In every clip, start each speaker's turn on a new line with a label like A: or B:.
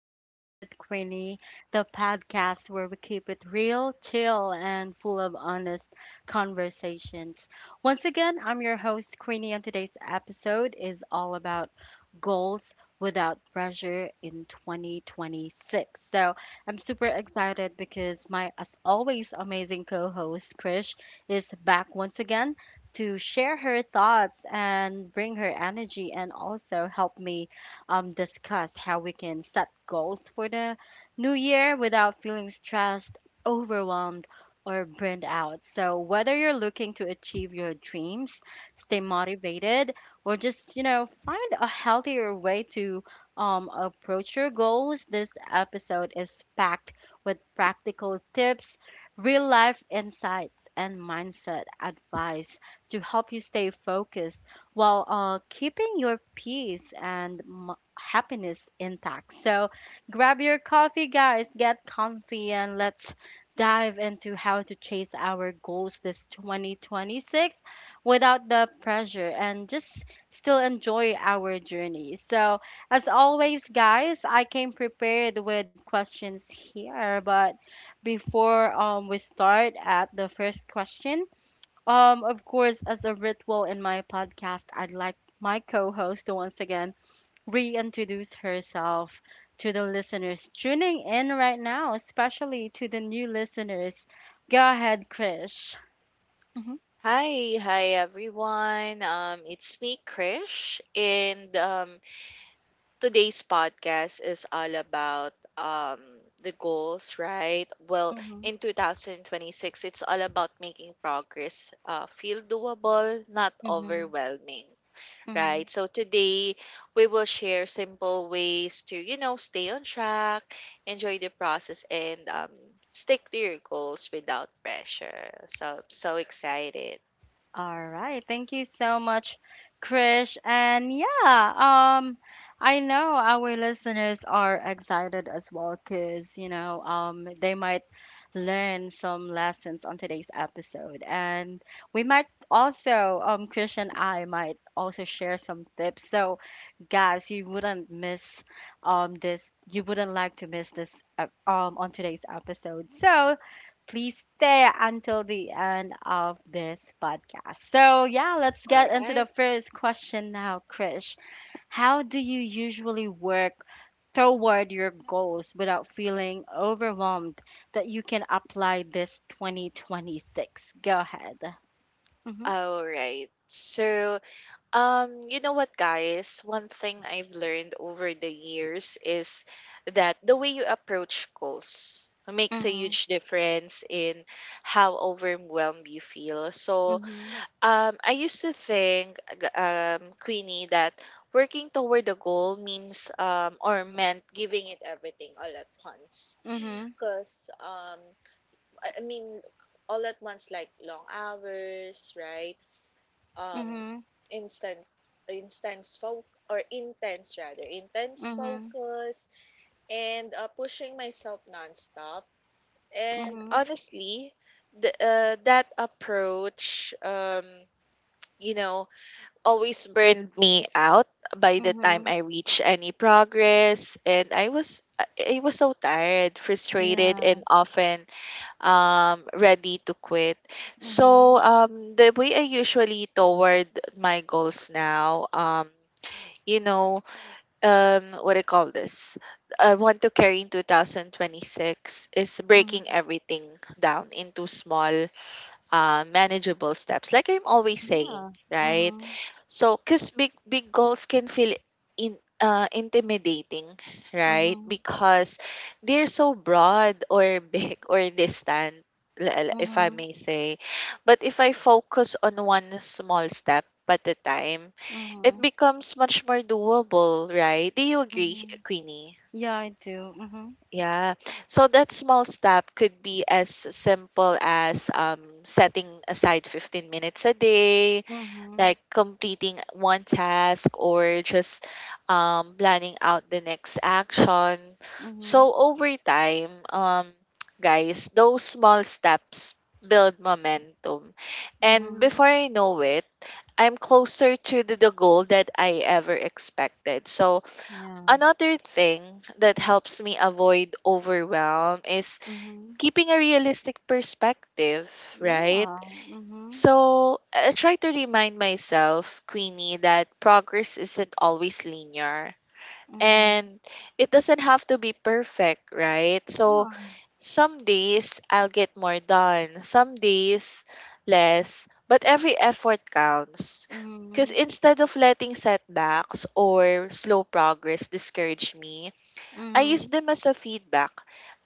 A: Talks with Queenie, the podcast where we keep it real, chill, and full of honest conversations. Once again, I'm your host, Queenie, and today's episode is all about goals without pressure in 2026. So I'm super excited because my, as always, amazing co host, Krish, is back once again to share her thoughts and bring her energy and also help me discuss how we can set goals for the new year without feeling stressed, overwhelmed, or burned out. So, whether you're looking to achieve your dreams, stay motivated, or just, find a healthier way to approach your goals, this episode is packed with practical tips, real life insights, and mindset advice to help you stay focused while keeping your peace and happiness intact. So grab your coffee, guys, get comfy, and let's dive into how to chase our goals this 2026 without the pressure and just still enjoy our journey. So, as always, guys, I came prepared with questions here, but before we start at the first question, of course, as a ritual in my podcast, I'd like my co host to once again reintroduce herself to the listeners tuning in right now, especially to the new listeners. Go ahead, Krish. Mhm,
B: Hi, hi everyone. It's me, Krish, and today's podcast is all about the goals, right? Well,
A: mhm,
B: in 2026, it's all about making progress feel doable, not
A: mhm,
B: overwhelming, right?
A: mhm.
B: So today, we will share simple ways to, stay on track, enjoy the process, and stick to your goals without pressure. So, I'm so excited.
A: All right. Thank you so much, Krish. And yeah, I know our listeners are excited as well because, they might learn some lessons on today's episode. And we might also, Chris and I might also share some tips. So, guys, you wouldn't miss this. You wouldn't like to miss this on today's episode. So please stay until the end of this podcast. So yeah, let's
B: All
A: get into the
B: right.
A: first question now, Chris. How do you usually work toward your goals without feeling overwhelmed that you can apply this 2026? Go ahead. Mhm.
B: All right. So, you know what, guys? One thing I've learned over the years is that the way you approach goals makes a
A: Mhm.
B: huge difference in how overwhelmed you feel. So,
A: Mhm.
B: I used to think, Queenie, that working toward a goal means, or meant giving it everything all at once.
A: Mhm.
B: Because, I mean, all at once, like long hours, right? um
A: Mhm.
B: instance intense folk or intense rather intense
A: Mhm.
B: focus and pushing myself nonstop, and
A: Mhm.
B: honestly, that approach, you know always burned me out by the time
A: Mhm.
B: I reached any progress, and I was so tired, frustrated, and
A: Yeah.
B: often ready to quit. So,
A: Mhm.
B: the way I usually toward my goals now, you know, what I call this, I want to carry in 2026 is
A: Mhm.
B: breaking everything down into small, manageable steps, like I'm always saying,
A: Yeah.
B: right?
A: Mhm.
B: So, because big goals can feel in intimidating, right?
A: Mhm.
B: Because they're so broad or big or distant, if I
A: Mhm.
B: may say. But if I focus on one small step at a time, it
A: Mhm.
B: becomes much more doable, right? Do you agree,
A: Mhm.
B: Queenie?
A: Yeah, I do. Mhm.
B: Yeah. So that small step could be as simple as setting aside 15 minutes a day,
A: Mhm.
B: like completing one task or just planning out the next action.
A: Mhm.
B: So over time, guys, those small steps build momentum. And
A: Mhm.
B: before I know it, I'm closer to the goal that I ever expected. So
A: Yeah.
B: another thing that helps me avoid overwhelm is
A: Mhm.
B: keeping a realistic perspective, right?
A: Yeah. Mhm.
B: So I try to remind myself, Queenie, that progress isn't always linear,
A: Mhm.
B: and it doesn't have to be perfect, right? So
A: Yeah.
B: some days I'll get more done, some days less, but every effort counts. Because
A: Mhm.
B: instead of letting setbacks or slow progress discourage me, I use
A: Mhm.
B: them as a feedback.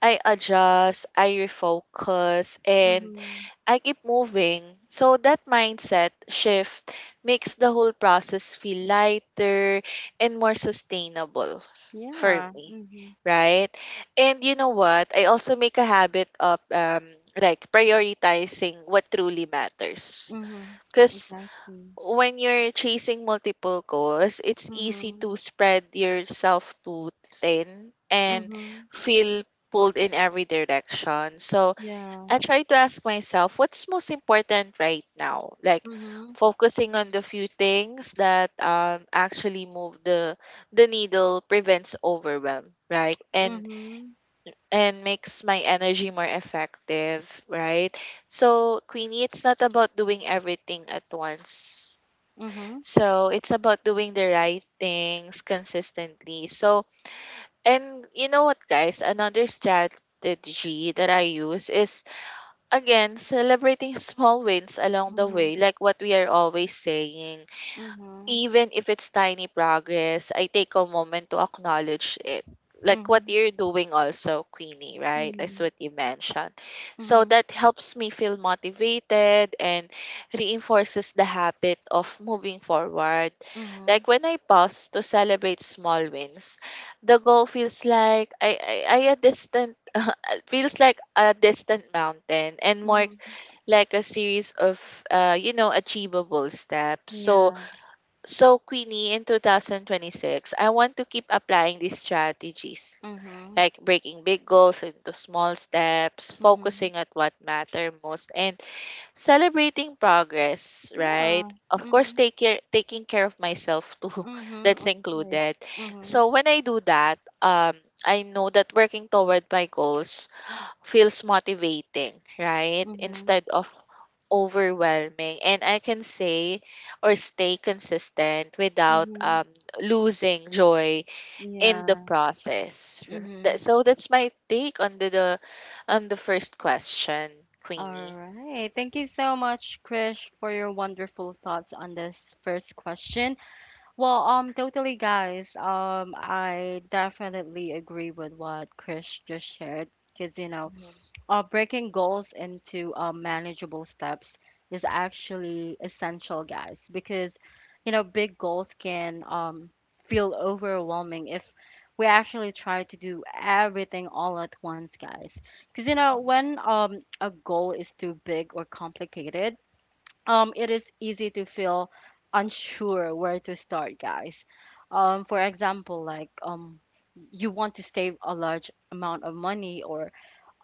B: I adjust, I refocus, and
A: Mhm.
B: I keep moving. So that mindset shift makes the whole process feel lighter and more sustainable for
A: Yeah.
B: me.
A: Mhm.
B: Right? And you know what? I also make a habit of like prioritizing what truly matters.
A: Mhm.
B: Cause
A: Exactly.
B: when you're chasing multiple goals, it's easy to
A: Mhm.
B: spread yourself too thin and
A: Mhm.
B: feel pulled in every direction. So
A: Yeah.
B: I try to ask myself, what's most important right now? Like
A: Mhm.
B: focusing on the few things that actually move the needle prevents overwhelm, right? And
A: Mhm.
B: and makes my energy more effective, right? So Queenie, it's not about doing everything at once,
A: Mhm.
B: so it's about doing the right things consistently. So, and you know what, guys? Another strategy that I use is, again, celebrating small wins along the way,
A: Mhm.
B: like what we are always saying.
A: Mhm.
B: Even if it's tiny progress, I take a moment to acknowledge it. Like what
A: Mhm.
B: you're doing also, Queenie, right? That's
A: Mhm.
B: what you mentioned. So
A: Mhm.
B: that helps me feel motivated and reinforces the habit of moving forward. Like
A: Mhm.
B: when I pause to celebrate small wins, the goal feels like I a distant it feels like a distant mountain and more
A: Mhm.
B: like a series of achievable steps. So
A: Yeah.
B: so, Queenie, in 2026, I want to keep applying these strategies,
A: Mhm.
B: like breaking big goals into small steps,
A: Mhm.
B: focusing at what matter most, and celebrating progress, right?
A: Yeah.
B: Of course,
A: Mhm.
B: taking care of myself too,
A: Mhm.
B: that's
A: Of course.
B: included.
A: Mhm.
B: So, when I do that, I know that working toward my goals feels motivating, right?
A: Mhm.
B: Instead of overwhelming, and I can say or stay consistent without
A: Mhm.
B: losing joy in the
A: Yeah.
B: process.
A: Mhm.
B: So that's my take on the on the first question,
A: All
B: Queenie.
A: right. Thank you so much, Krish, for your wonderful thoughts on this first question. Well, totally, guys. I definitely agree with what Krish just shared because
B: Mhm,
A: breaking goals into manageable steps is actually essential, guys, because you know big goals can feel overwhelming if we actually try to do everything all at once, guys. Because you know
B: mhm.
A: when a goal is too big or complicated, it is easy to feel unsure where to start, guys. For example, like you want to save a large amount of money or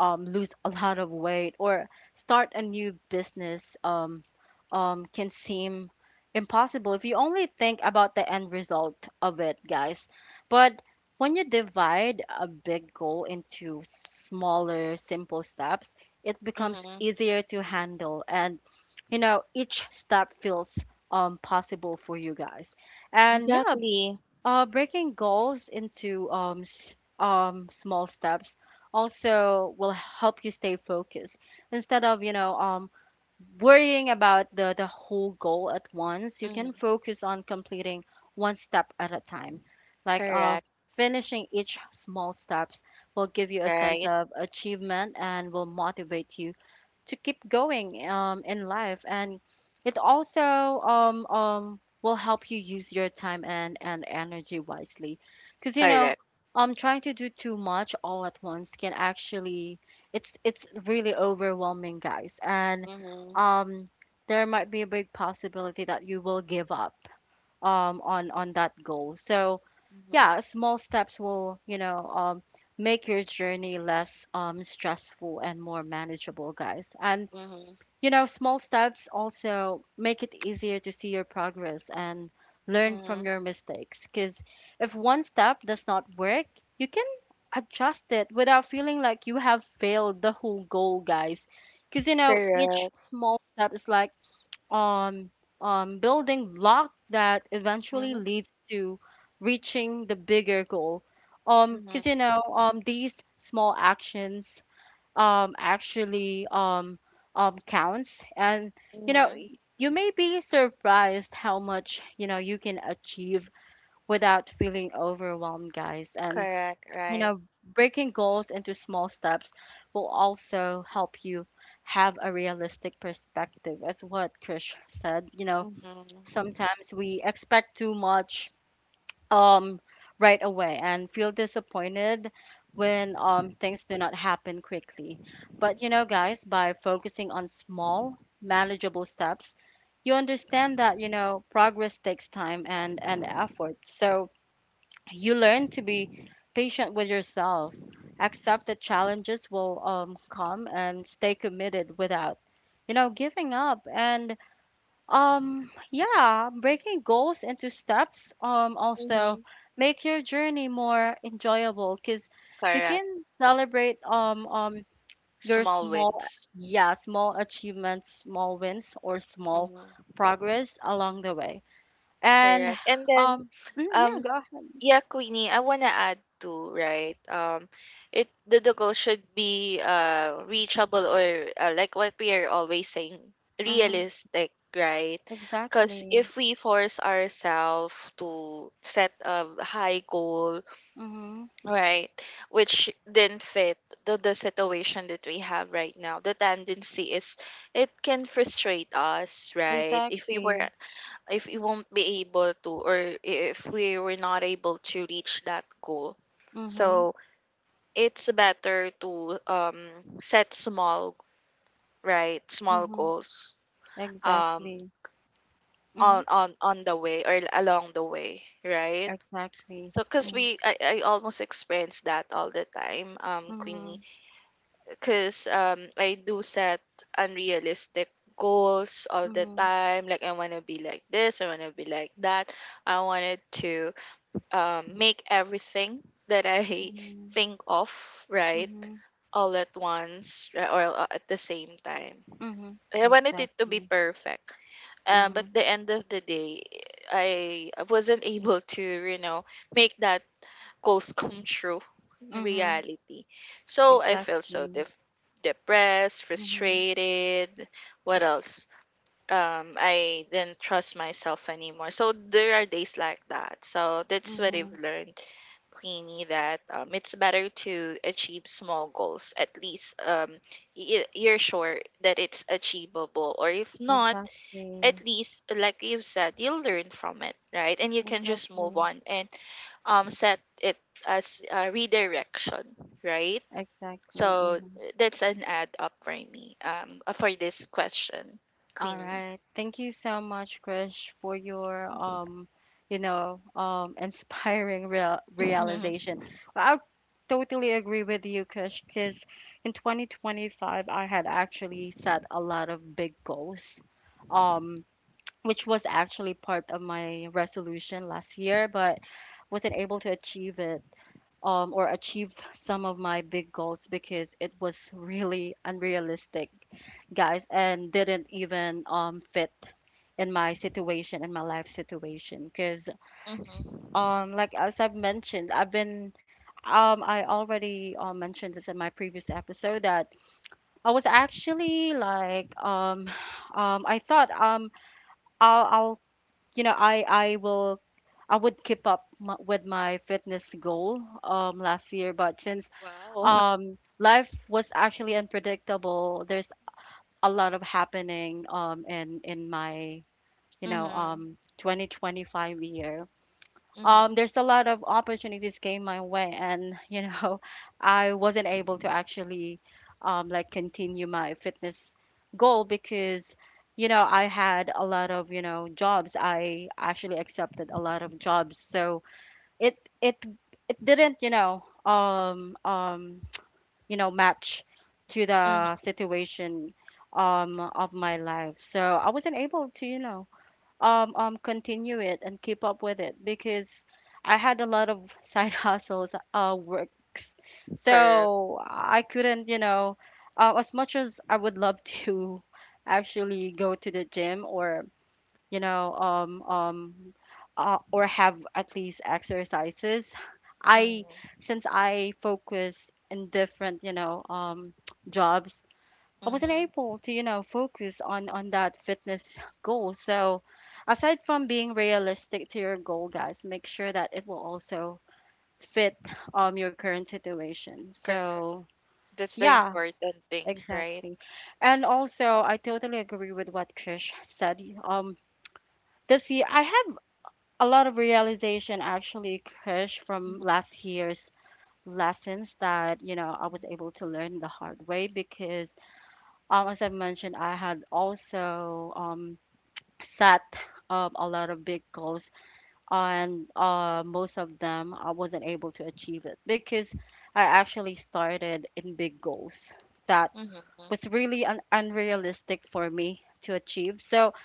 A: lose a lot of weight or start a new business can seem impossible if you only think about the end result of it, guys. But when you divide a big goal into smaller, simple steps, it becomes
B: Mm-hmm.
A: easier to handle. And, you know, each step feels possible for you guys. And yeah,
B: Exactly.
A: breaking goals into small steps also will help you stay focused. Instead of, you know, worrying about the whole goal at once, you
B: Mm.
A: can focus on completing one step at a time. Like
B: Correct.
A: finishing each small steps will give you a sense
B: Right.
A: of achievement and will motivate you to keep going in life and it also will help you use your time and energy wisely because
B: Correct.
A: trying to do too much all at once can actually it's really overwhelming guys and
B: Hmm.
A: um, there might be a big possibility that you will give up on that goal. So
B: Hmm.
A: yeah, small steps will make your journey less stressful and more manageable guys. And
B: Hmm.
A: you know, small steps also make it easier to see your progress and learn from
B: Hmm.
A: your mistakes. Because if one step does not work, you can adjust it without feeling like you have failed the whole goal, guys. Because, you know, each
B: Correct.
A: small step is like um, building block that eventually
B: Hmm.
A: leads to reaching the bigger goal.
B: Hmm.
A: Because, you know, these small actions actually counts. And you know,
B: Hmm.
A: you may be surprised how much you know you can achieve without feeling overwhelmed, guys. And
B: Correct.
A: you
B: Right.
A: know, breaking goals into small steps will also help you have a realistic perspective, as what Krish said. You know,
B: Hmm.
A: sometimes we expect too much um right away and feel disappointed when things do not happen quickly. But you know, guys, by focusing on small, manageable steps, you understand that, you know, progress takes time and effort. So you learn to be patient with yourself, accept that challenges will come, and stay committed without, you know, giving up. And yeah, breaking goals into steps also
B: Hmm.
A: make your journey more enjoyable because you
B: Correct.
A: can celebrate your
B: Small
A: small,
B: wins.
A: yeah, small achievements, small wins or small
B: Mhm,
A: progress along the way. And
B: correct. And then,
A: um yeah,
B: um,
A: go ahead.
B: yeah, Queenie, I wanna add too, right? It the goal should be reachable or like what we are always saying,
A: Mm-hmm.
B: realistic, right? Because
A: Exactly.
B: if we force ourselves to set a high goal,
A: Mm-hmm.
B: right, which didn't fit the situation that we have right now, the tendency is it can frustrate us, right?
A: Exactly.
B: If we won't be able to, or if we were not able to reach that goal,
A: Mm-hmm.
B: so it's better to set small, right, small
A: Mm-hmm.
B: goals um
A: Exactly. Mm-hmm.
B: on the way or along the way, right?
A: Exactly.
B: So because
A: Mm-hmm.
B: I almost experience that all the time,
A: Mm-hmm.
B: Queenie, because I do set unrealistic goals all the
A: Mm-hmm.
B: time, like I want to be like this, I want to be like that, I wanted to make everything that I
A: Mm-hmm.
B: think of, right?
A: Mhm,
B: All at once, at the same time.
A: mhm,
B: I wanted it to be
A: exactly.
B: perfect. But
A: Mhm,
B: the end of the day, I wasn't able to, you know, make that goals come true in
A: mhm,
B: reality. So I felt so
A: exactly.
B: depressed,
A: Mhm,
B: frustrated. What else? I didn't trust myself anymore. So there are days like that. So that's what I've
A: mhm,
B: learned, Queenie, that it's better to achieve small goals. At least you're sure that it's achievable. Or if not,
A: exactly.
B: at least, like you've said, you'll learn from it, right? And you can just move
A: Exactly.
B: on and set it as a redirection, right?
A: Exactly.
B: So
A: Mhm.
B: that's an add up for me, for this question,
A: All
B: Queenie.
A: right. Thank you so much, Krish, for your inspiring
B: Mm-hmm.
A: realization. Well, I totally agree with you, Krish, because in 2025 I had actually set a lot of big goals. Um, which was actually part of my resolution last year, but wasn't able to achieve it or achieve some of my big goals because it was really unrealistic, guys, and didn't even fit in my situation, in my life situation. Because,
B: Mm-hmm.
A: like as I've mentioned, I've been. I already mentioned this in my previous episode that I was actually like I thought I'll you know, I will I would keep up m with my fitness goal last year, but since
B: Wow.
A: life was actually unpredictable. There's a lot of happening in my, you know,
B: Mm-hmm.
A: 2025 year.
B: Mm-hmm.
A: There's a lot of opportunities came my way, and you know, I wasn't able to actually like continue my fitness goal because you know I had a lot of you know jobs. I actually accepted a lot of jobs, so it it it didn't you know you know match to the
B: Mm-hmm.
A: situation of my life. So I wasn't able to you know continue it and keep up with it because I had a lot of side hustles works,
B: Correct.
A: so I couldn't you know as much as I would love to actually go to the gym or you know or have at least exercises. I
B: Mm-hmm.
A: Since I focus in different you know jobs, I wasn't
B: Mm-hmm.
A: able to, you know, focus on that fitness goal. So, aside from being realistic to your goal, guys, make sure that it will also fit your current situation.
B: Correct.
A: So,
B: That's the
A: yeah,
B: important thing, right?
A: exactly. And also, I totally agree with what Krish said. This year I have a lot of realization actually, Krish, from
B: Mhm.
A: last year's lessons that, you know, I was able to learn the hard way because as I've mentioned, I had also set a lot of big goals, and most of them I wasn't able to achieve it because I actually started in big goals that
B: Mhm.
A: was really unrealistic for me to achieve. So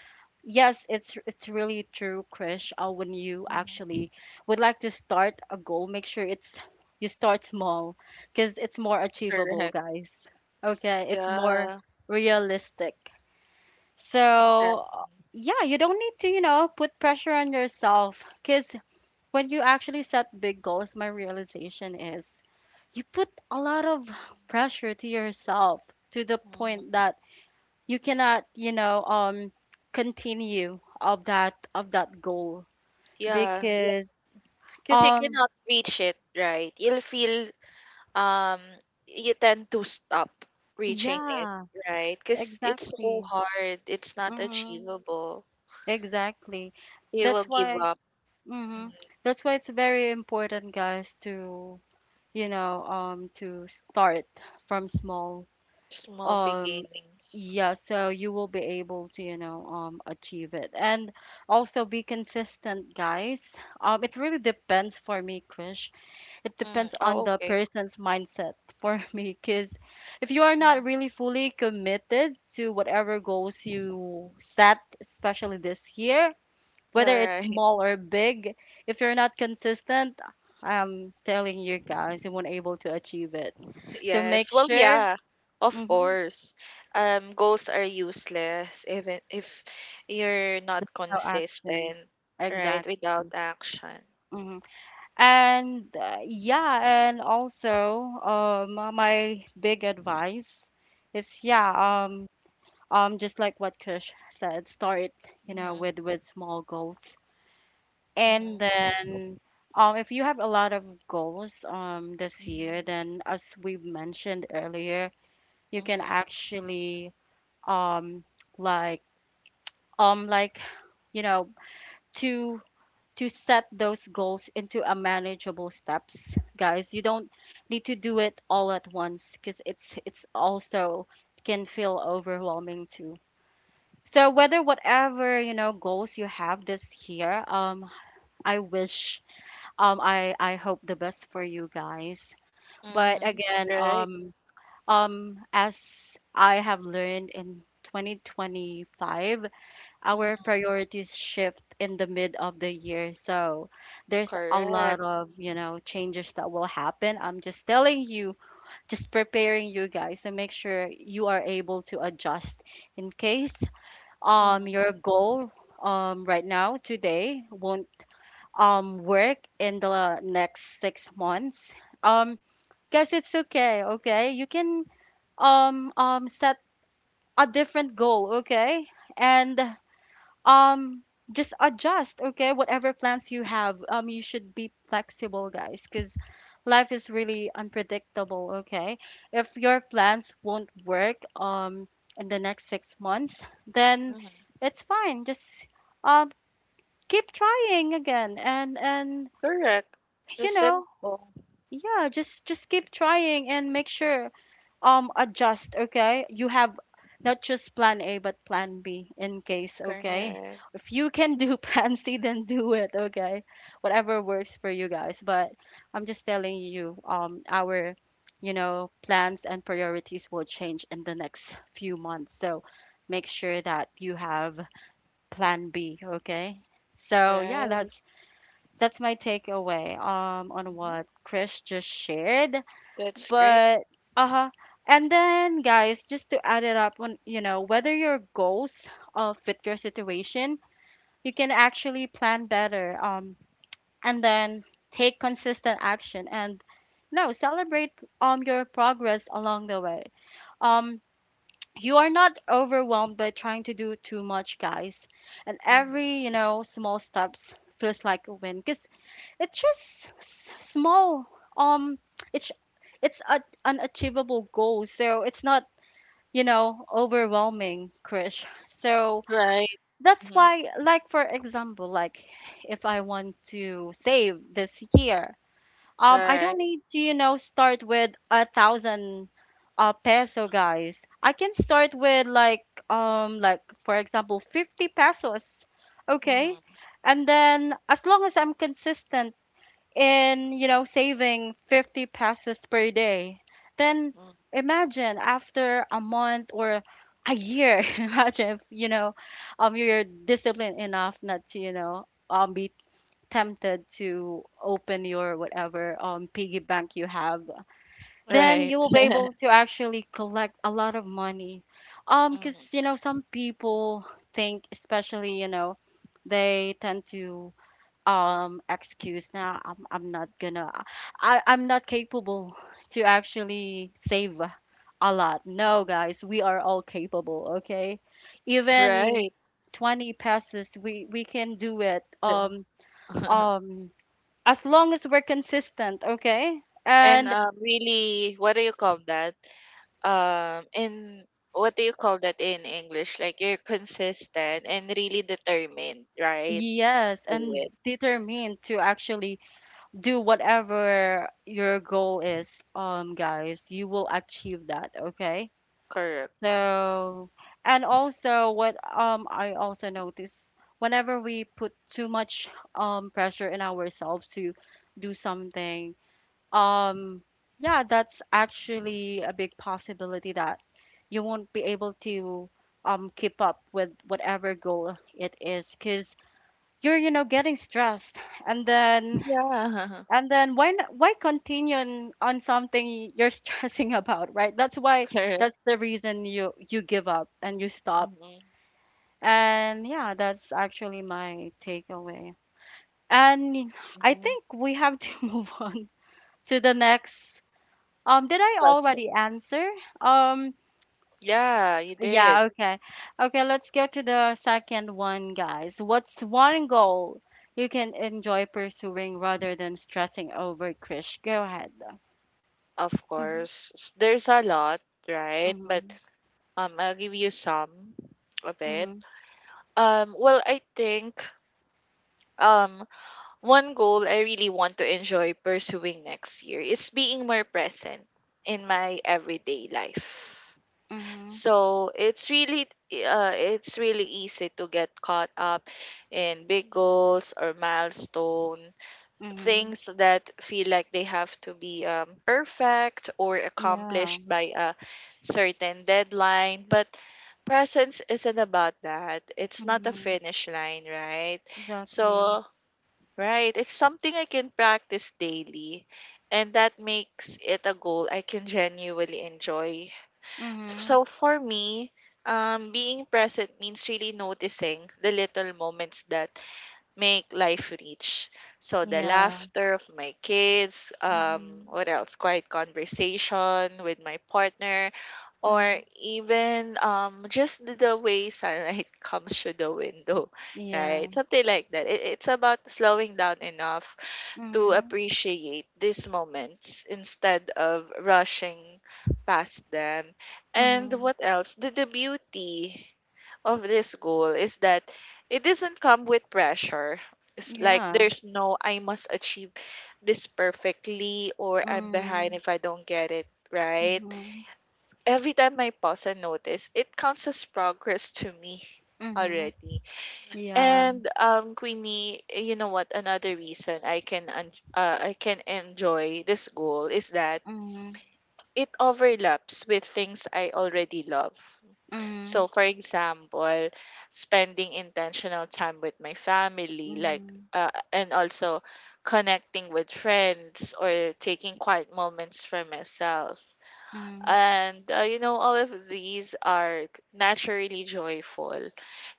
A: yes, it's really true, Krish. When you
B: Mhm.
A: actually would like to start a goal, make sure it's you start small because it's more achievable,
B: Correct.
A: guys. Okay, it's more
B: Yeah,
A: realistic. So,
B: exactly.
A: yeah, you don't need to, you know, put pressure on yourself because when you actually set big goals, my realization is you put a lot of pressure to yourself to the
B: Mhm.
A: point that you cannot, you know, continue of that goal
B: Yeah, yeah.
A: because
B: Because you
A: um
B: cannot reach it, right? You'll feel um you tend to stop reaching it,
A: yeah,
B: right? Because it's so
A: exactly.
B: hard. It's not
A: Mhm.
B: achievable.
A: Exactly.
B: You will
A: That's
B: give
A: why
B: up.
A: mhm.
B: Mhm.
A: That's why it's very important, guys, to you know, to start from small.
B: Small
A: Um,
B: beginnings.
A: yeah, so you will be able to, you know, achieve it. And also be consistent, guys. It really depends for me, Krish. It
B: Mm.
A: depends on
B: Oh,
A: the
B: okay.
A: person's mindset for me, because if you are not
B: Mhm.
A: really fully committed to whatever goals you set, especially this year,
B: All
A: whether it's
B: right.
A: small or big, if you're not consistent, I'm telling you guys, you won't able to achieve it. So make
B: Yes. Well,
A: sure,
B: yeah, of
A: mm-hmm,
B: course. Goals are useless even if you're not
A: no action.
B: consistent, right? Without
A: Exactly.
B: action.
A: hmm And yeah, and also, My big advice is just like what Kush said, start,
B: Mm-hmm.
A: with small goals. And
B: Mm-hmm.
A: then, if you have a lot of goals this year,
B: Mm-hmm.
A: then as we mentioned earlier, you can
B: Mm-hmm.
A: actually um like like you know to to set those goals into a manageable steps, guys. You don't need to do it all at once because it's also can feel overwhelming too. So whether whatever goals you have this year, I wish I hope the best for you guys. But
B: Mm-hmm.
A: again,
B: Right.
A: as I have learned in 2025, our
B: Hmm.
A: priorities shift in the mid of the year. So there's a lot
B: Correct.
A: of, you know, changes that will happen. I'm just telling you, just preparing you guys to make sure you are able to adjust in case your
B: Mm-hmm.
A: goal right now today won't work in the next 6 months. um Guys, it's okay, okay, you can set a different goal, okay? And um just adjust, okay? Whatever plans you have, you should be flexible, guys, because life is really unpredictable, okay? If your plans won't work in the next 6 months, then
B: Mm-hmm.
A: it's fine, just um keep trying again, and
B: Correct. The
A: you know
B: simple.
A: yeah, just keep trying and make sure adjust, okay? You have not just plan A but plan B in case, okay?
B: Correct.
A: If you can do plan C, then do it, okay? Whatever works for you guys. But I'm just telling you, our, plans and priorities will change in the next few months, so make sure that you have plan B, okay? So yeah,
B: Right.
A: that's my takeaway on
B: Mm-hmm.
A: what Chris just shared.
B: That's great.
A: But uh-huh. And then guys, just to add it up on, you know, whether your goals fit your situation, you can actually plan better and then take consistent action and, no, celebrate your progress along the way. Um you are not overwhelmed by trying to do too much, guys. And
B: Mm-hmm.
A: every, you know, small steps feels like a win because it's just small, um it's it's a, an achievable goal, so it's not, you know, overwhelming, Krish. So
B: Right.
A: that's
B: Mm-hmm.
A: why, like for example, like if I want to save this year,
B: All
A: I
B: right.
A: don't need to, you know, start with a thousand peso, guys. I can start with like, for example, 50 pesos, okay?
B: Mm-hmm.
A: And then as long as I'm consistent in, you know, saving 50 pesos per day, then
B: Mm-hmm.
A: imagine after a month or a year, imagine if, you know, you're disciplined enough not to, you know, be tempted to open your whatever piggy bank you have, then
B: Right.
A: you will be able to actually collect a lot of money,
B: Mm-hmm.
A: because, you know, some people think, especially, you know, they tend to excuse, now I'm not gonna, I'm not capable to actually save a lot. No guys, we are all capable, okay? Even
B: Right.
A: 20 passes we can do it. Um as long as we're consistent, okay?
B: And
A: And
B: really, what do you call that? And what do you call that in English? Like you're consistent and really determined, right?
A: yes,
B: Do
A: and
B: it.
A: determined to actually do whatever your goal is, guys, you will achieve that, okay?
B: Correct.
A: So, and also what, I also notice whenever we put too much pressure in ourselves to do something, um yeah, that's actually a big possibility that you won't be able to keep up with whatever goal it is, because you're, you know, getting stressed. And then,
B: Yeah.
A: and then why why continue on something you're stressing about, right? That's why
B: Correct.
A: that's the reason you give up and you stop.
B: Mm-hmm.
A: And yeah, that's actually my takeaway. And I
B: Mm-hmm.
A: think we have to move on to the next. Did I
B: Question.
A: already answer? Um,
B: Yeah, you
A: yeah,
B: did.
A: okay. Okay, let's go to the second one, guys. What's one goal you can enjoy pursuing rather than stressing over, Krish? Go ahead.
B: Of
A: hmm
B: course. There's a lot, right? But
A: hmm
B: I'll give you some of it.
A: Mhm,
B: Well, I think um one goal I really want to enjoy pursuing next year is being more present in my everyday life.
A: mhm,
B: So it's really easy to get caught up in big goals or milestone
A: mhm.
B: things that feel like they have to be perfect or
A: Yeah.
B: accomplished by a certain deadline, but presence isn't about that. It's not a
A: Mhm.
B: finish line, right?
A: Exactly.
B: So right. It's something I can practice daily, and that makes it a goal I can genuinely enjoy.
A: Mhm.
B: So for me, being present means really noticing the little moments that make life rich. So the
A: Yeah.
B: laughter of my kids,
A: Mhm.
B: what else? Quiet conversation with my partner, or
A: Mhm.
B: even just the way sunlight comes through the window,
A: Yeah.
B: right? Something like that. It's about slowing down enough to
A: Mhm.
B: appreciate these moments instead of rushing past them. And
A: Mhm.
B: what else? The beauty of this goal is that it doesn't come with pressure. It's like
A: Yeah.
B: there's no I must achieve this perfectly or I'm behind
A: Mhm.
B: if I don't get it right.
A: Mhm.
B: Every time I pause and notice, it counts as progress to me
A: Mhm.
B: already.
A: Yeah.
B: And Queenie, you know what? Another reason I can I can enjoy this goal is that
A: Mhm.
B: it overlaps with things I already love.
A: Mhm.
B: So, for example, spending intentional time with my family, like
A: Mhm.
B: and also connecting with friends or taking quiet moments for myself,
A: Mhm.
B: and all of these are naturally joyful.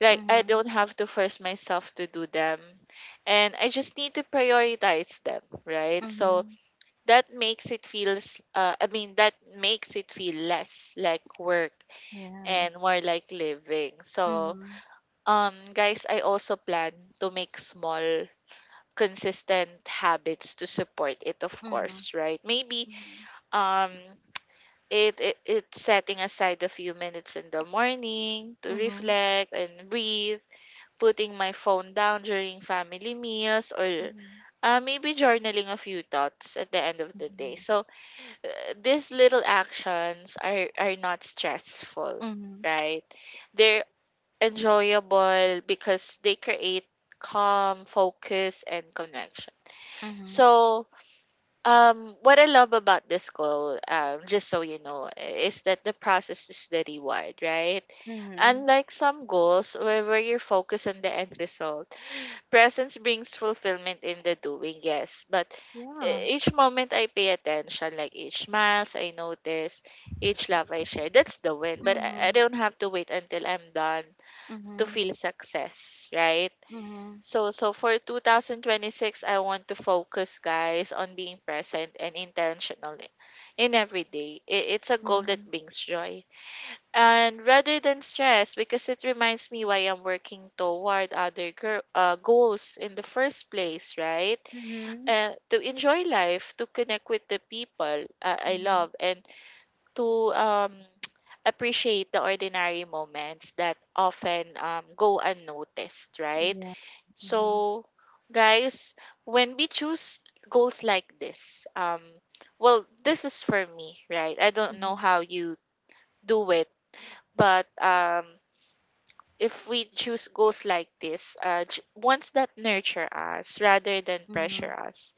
B: Like I don't have to force myself to do them, and I just need to prioritize them, right? So
A: Mhm.
B: that makes it feel less like work
A: Yeah.
B: and more like living. So
A: Mhm.
B: guys, I also plan to make small, consistent habits to support it, of
A: Mhm.
B: course, right? Maybe
A: Mhm.
B: um it it's setting aside a few minutes in the morning to
A: Mhm.
B: reflect and breathe, putting my phone down during family meals, or maybe journaling a few thoughts at the end of the day.
A: Mhm.
B: So these little actions are not stressful,
A: Mhm.
B: right? They're enjoyable because they create calm, focus, and connection.
A: Mhm.
B: So what I love about this call, just so you know, is that the process is the reward, right?
A: Mhm.
B: Unlike some goals where you're focused on the end result, presence brings fulfillment in the doing, yes. But
A: Yeah.
B: each moment I pay attention, like each smiles I notice, each love I share, that's the win. But I
A: Mhm.
B: don't have to wait until I'm done to
A: Mhm.
B: feel success, right?
A: Mhm.
B: So for 2026, I want to focus, guys, on being present and intentional in every day. It's a goal
A: Mhm.
B: that brings joy. And rather than stress, because it reminds me why I'm working toward other goals in the first place, right?
A: Mhm.
B: To enjoy life, to connect with the people I
A: Mhm.
B: love, and to appreciate the ordinary moments that often go unnoticed, right?
A: Yeah. Mhm.
B: So, guys, when we choose goals like this, well, this is for me, right? I don't know
A: Mhm.
B: how you do it, but if we choose goals like this, ones that nurture us rather than
A: Mhm.
B: pressure us,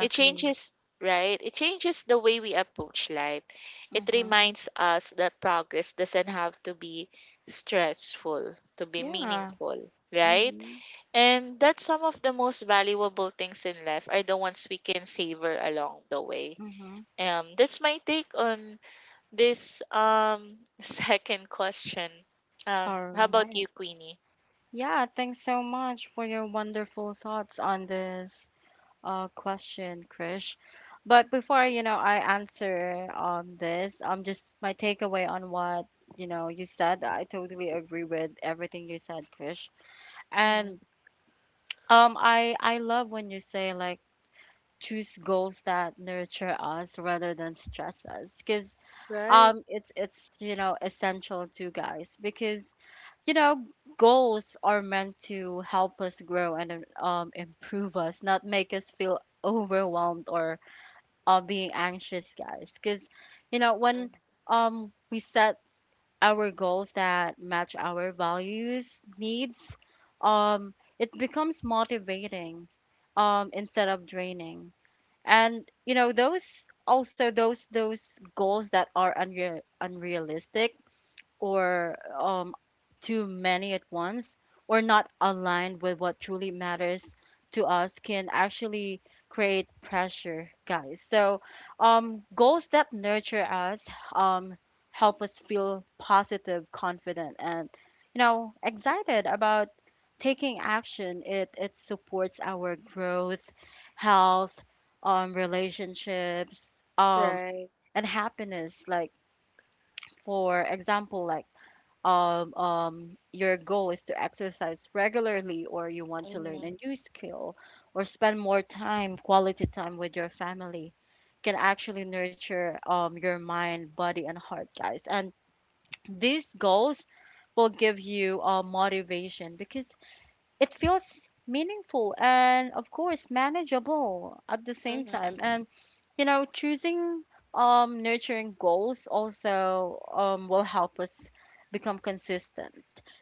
B: it changes, right? It changes the way we approach life. It
A: Mhm.
B: reminds us that progress doesn't have to be stressful to be
A: Yeah.
B: meaningful, right?
A: Mhm.
B: And that's some of the most valuable things in life are the ones we can savor along the way.
A: Mhm.
B: That's my take on this second question.
A: All
B: How about
A: right.
B: you, Queenie?
A: Yeah, thanks so much for your wonderful thoughts on this question, Krish. But before, you know, I answer this, just my takeaway on what, you know, you said. I totally agree with everything you said, Krish.
B: Mm-hmm.
A: And um, I love when you say like choose goals that nurture us rather than stress us, because
B: Right,
A: it's you know essential to guys, because you know goals are meant to help us grow and improve us, not make us feel overwhelmed or being anxious, guys. Because you know when we set our goals that match our values needs, it becomes motivating instead of draining. And you know those also, those goals that are unrealistic or too many at once, or not aligned with what truly matters to us can actually create pressure, guys. So goals that nurture us um, help us feel positive, confident and you know excited about taking action. It supports our growth, health, relationships,
B: right.
A: and happiness. Like for example, like your goal is to exercise regularly, or you want to learn a
B: Mm-hmm.
A: new skill or spend more time, quality time with your family can actually nurture your mind, body, and heart, guys. And these goals will give you motivation because it feels meaningful and, of course, manageable at the same time.
B: Mm-hmm.
A: And you know, choosing nurturing goals also will help us become consistent.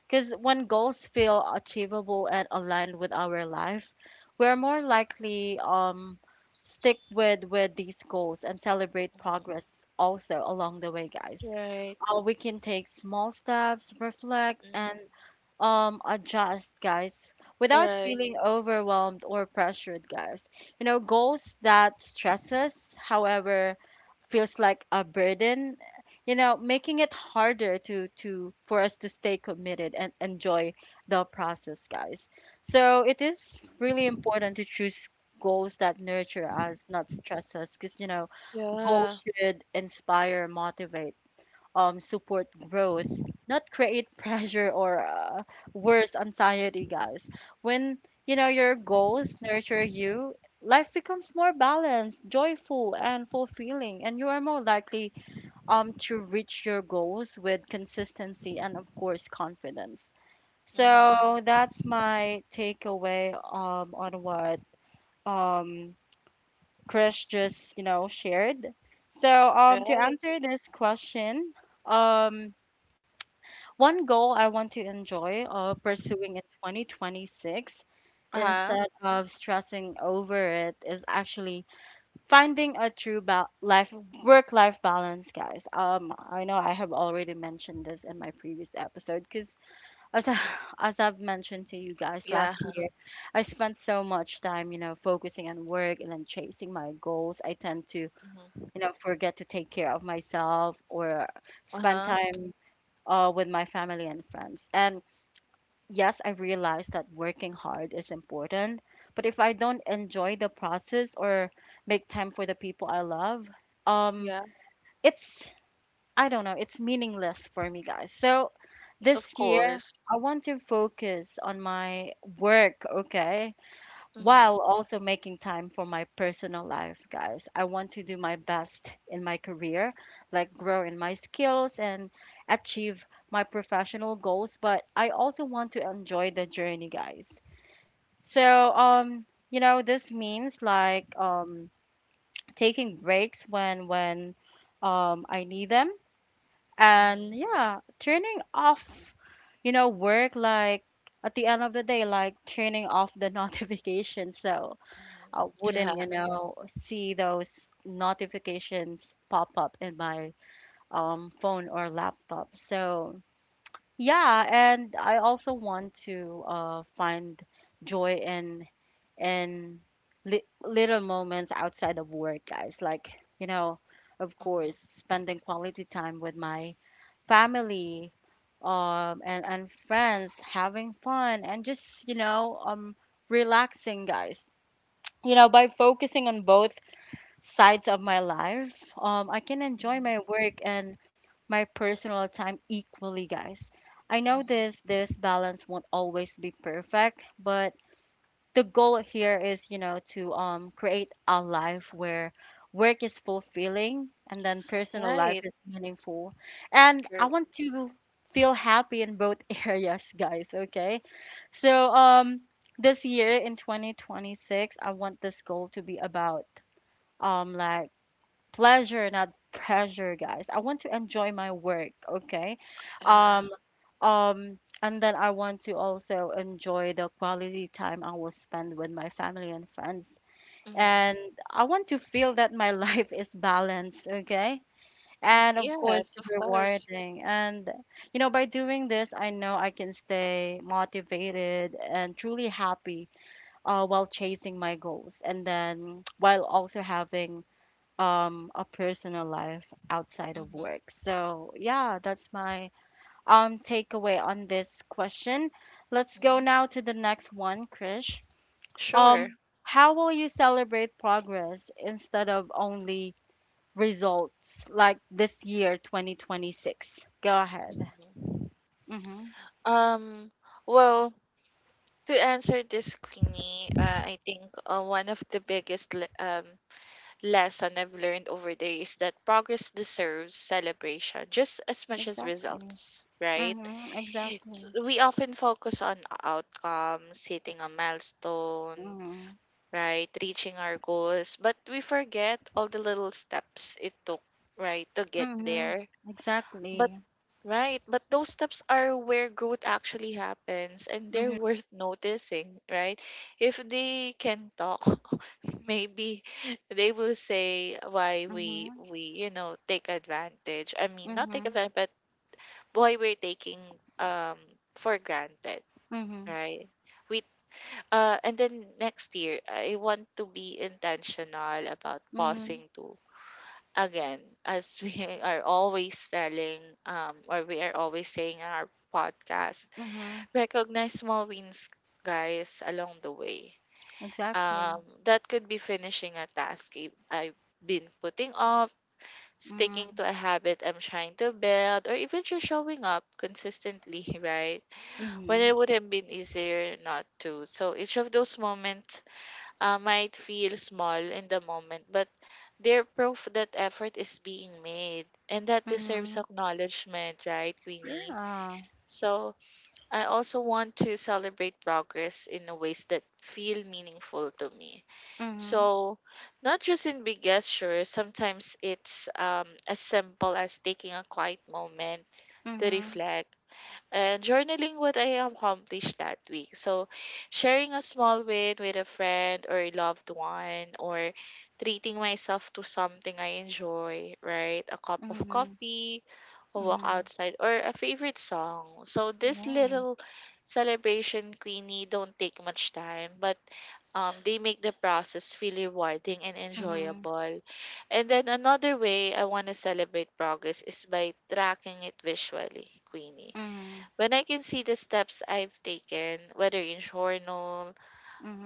A: Because when goals feel achievable and aligned with our life, we're more likely stick with these goals and celebrate
B: Mm-hmm.
A: progress also along the way, guys.
B: Right.
A: We can take small steps, reflect, and
B: Mm-hmm.
A: adjust, guys, without
B: Right.
A: feeling overwhelmed or pressured, guys. You know, goals that stress us, however, feels like a burden, you know, making it harder to for us to stay committed and enjoy the process, guys. So it is really important to choose goals that nurture us, not stress us, because you know goals
B: Yeah.
A: should inspire, motivate, support growth, not create pressure or worse, anxiety, guys. When you know your goals nurture you, life becomes more balanced, joyful, and fulfilling, and you are more likely to reach your goals with consistency and of course confidence. So
B: Mm-hmm.
A: that's my takeaway on what um Chris just you know shared. So to
B: Right.
A: answer this question, um one goal I want to enjoy pursuing in 2026
B: Uh-huh.
A: instead of stressing over it is actually finding a true life work life balance, guys. I know I have already mentioned this in my previous episode, because as I, as I've mentioned to you guys
B: Yeah.
A: last year, I spent so much time, you know, focusing on work and then chasing my goals. I tend to,
B: Mm-hmm.
A: you know, forget to take care of myself or spend
B: Uh-huh.
A: time with my family and friends. And yes, I realize that working hard is important, but if I don't enjoy the process or make time for the people I love, um,
B: Yeah.
A: it's, I don't know, it's meaningless for me, guys. So
B: Of
A: this year,
B: course.
A: I want to focus on my work, okay?
B: Mm-hmm.
A: While also making time for my personal life, guys. I want to do my best in my career, like grow in my skills and achieve my professional goals, but I also want to enjoy the journey, guys. So, you know, this means like taking breaks when I need them.
B: Mm-hmm.
A: And yeah, turning off, you know, work like at the end of the day, like turning off the notifications. So
B: Mm-hmm.
A: I wouldn't, you
B: Yeah.
A: know, see those notifications pop up in my phone or laptop. So, yeah, and I also want to find joy in in li little moments outside of work, guys. Like, you know, of course,
B: Mm-hmm.
A: spending quality time with my family and friends, having fun and just you know relaxing, guys. You know, by focusing on both sides of my life, I can enjoy my work and my personal time equally, guys. I know
B: Mhm.
A: this balance won't always be perfect, but the goal here is, you know, to create a life where work is fulfilling and then personal life
B: Right.
A: is meaningful. And I
B: True.
A: want to feel happy in both areas, guys, okay? So, this year in 2026, I want this goal to be about um like pleasure, not pressure, guys. I want to enjoy my work, okay?
B: Uh,
A: Um, and then I want to also enjoy the quality time I will spend with my family and friends.
B: mhm.
A: And I want to feel that my life is balanced, okay?
B: Mm,
A: And of course,
B: yes, of course.
A: rewarding. And, you know, by doing this, I know I can stay motivated and truly happy while chasing my goals. And then while also having a personal life outside of
B: Mhm.
A: work. So, yeah, that's my takeaway on this question. Let's go
B: Mhm.
A: now to the next one, Krish.
B: Sure.
A: Um how will you celebrate progress instead of only results like this year 2026? Go ahead.
B: Mhm.
A: Mhm.
B: Um, well, to answer this, Queenie, I think one of the biggest lesson I've learned over the years is that progress deserves celebration just as much as
A: Exactly.
B: results, right?
A: Mhm. Exactly.
B: We often focus on outcomes, hitting a milestone,
A: Mhm.
B: right? Reaching our goals. But we forget all the little steps it took, right, to get
A: Mhm.
B: there. But,
A: Exactly.
B: right, but those steps are where growth actually happens and they're
A: Mhm.
B: worth noticing, right? If they can talk, maybe they will say why we,
A: Mhm.
B: we you know, take advantage. I mean, not take
A: Mhm.
B: advantage, but why we're taking um for granted,
A: Mhm.
B: right? We and then next year, I want to be intentional about
A: Mhm.
B: pausing to again, as we are always telling, or we are always saying in our podcast,
A: Mhm.
B: recognize small wins, guys, along the way.
A: Exactly.
B: That could be finishing a task I've been putting off, sticking
A: Mm.
B: to a habit I'm trying to build, or even just showing up consistently, right? When
A: Mhm.
B: it would have been easier not to. So each of those moments might feel small in the moment, but they're proof that effort is being made and that deserves
A: Mhm.
B: acknowledgement, right, Queenie?
A: Yeah.
B: So I also want to celebrate progress in a ways that feel meaningful to me.
A: Mhm.
B: So not just in big gestures, sometimes it's as simple as taking a quiet moment to
A: Mhm.
B: reflect and journaling what I accomplished that week. So, sharing a small win with a friend or a loved one, or treating myself to something I enjoy, right? A cup of
A: Mhm.
B: coffee, a walk
A: Mhm.
B: outside, or a favorite song. So, this
A: Yeah.
B: little celebration, Queenie, don't take much time, but they make the process feel rewarding and
A: Mhm.
B: enjoyable. And then another way I want to celebrate progress is by tracking it visually, Queenie,
A: Mhm.
B: when I can see the steps I've taken, whether in journal,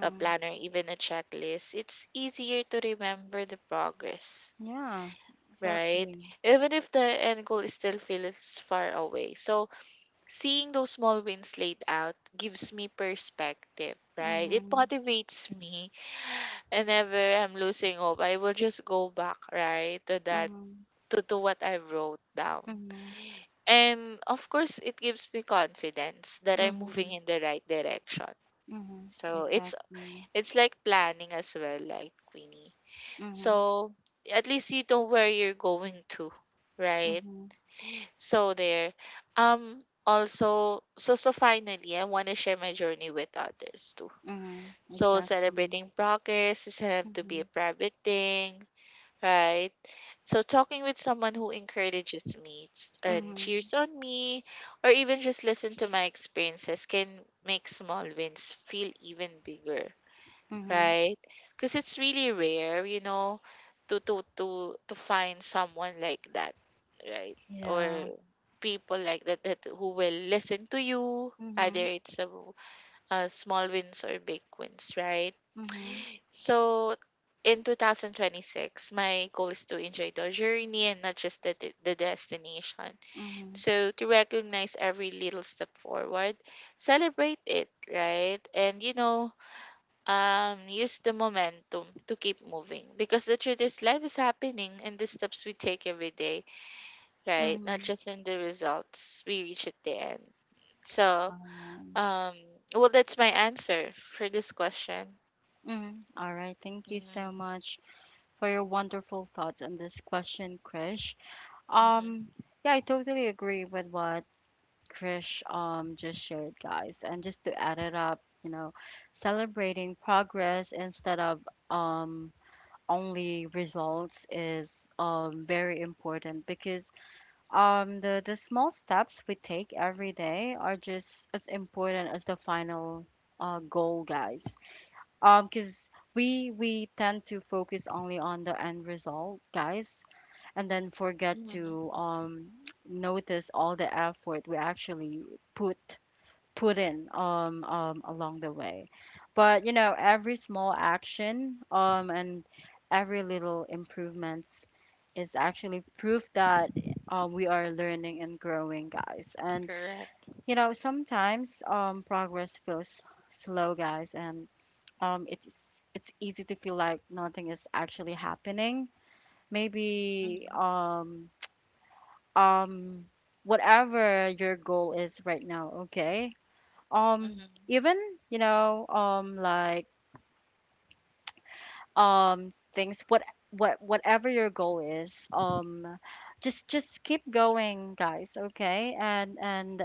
B: a planner, even a checklist, it's easier to remember the progress,
A: Yeah.
B: right?
A: Exactly.
B: Even if the end goal is still feels far away. So seeing those small wins laid out gives me perspective, right? It
A: Mhm.
B: motivates me. Whenever I'm losing hope, I will just go back, right, to that
A: Mhm.
B: to what I wrote down.
A: Mhm.
B: And of course, it gives me confidence that I'm moving
A: Mhm.
B: in the right direction.
A: Mhm.
B: So it's
A: Exactly.
B: it's like planning as well, like Queenie.
A: Mhm.
B: So at least you know where you're going to, right?
A: Mhm.
B: So there. Also so finally I want to share my journey with others too.
A: Mhm.
B: So
A: Exactly.
B: celebrating progress doesn't have to be a
A: Mhm.
B: private thing, right? So talking with someone who encourages me and
A: Mhm.
B: cheers on me or even just listen to my experiences can make small wins feel even bigger,
A: Mhm.
B: right? Because it's really rare, you know, to find someone like that, right?
A: Yeah.
B: Or people like that who will listen to you, either
A: Mhm.
B: it's a, small wins or big wins, right?
A: Mhm.
B: So in 2026, my goal is to enjoy the journey and not just the destination.
A: Mhm.
B: So to recognize every little step forward, celebrate it, right? And you know, use the momentum to keep moving because the truth is life is happening in the steps we take every day, right, not
A: Mhm.
B: just in the results we reach at the end. So
A: All right.
B: um well, that's my answer for this question.
A: Mhm. All right. Thank you
B: Mm-hmm.
A: so much for your wonderful thoughts on this question, Krish. Um,
B: Mm-hmm.
A: yeah, I totally agree with what Krish just shared, guys. And just to add it up, you know, celebrating progress instead of um only results is very important because the small steps we take every day are just as important as the final goal, guys, because we tend to focus only on the end result, guys, and then forget
B: Mm-hmm.
A: to notice all the effort we actually put put in, along the way. But, you know, every small action and every little improvements is actually proof that we are learning and growing, guys. And
B: Correct.
A: you know, sometimes progress feels slow, guys, and it's easy to feel like nothing is actually happening. Maybe
B: Mm-hmm.
A: um, whatever your goal is right now, okay.
B: Mm-hmm.
A: Even you know, like things what whatever your goal is, just keep going, guys, okay, and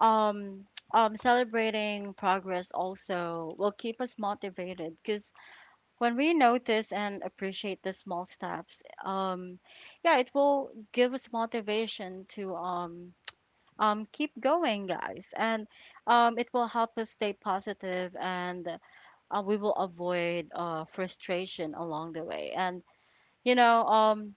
A: um. Celebrating progress also will keep us motivated because when we notice and appreciate the small steps, yeah, it will give us motivation to keep going, guys, and it will help us stay positive, and we will avoid frustration along the way. And you know,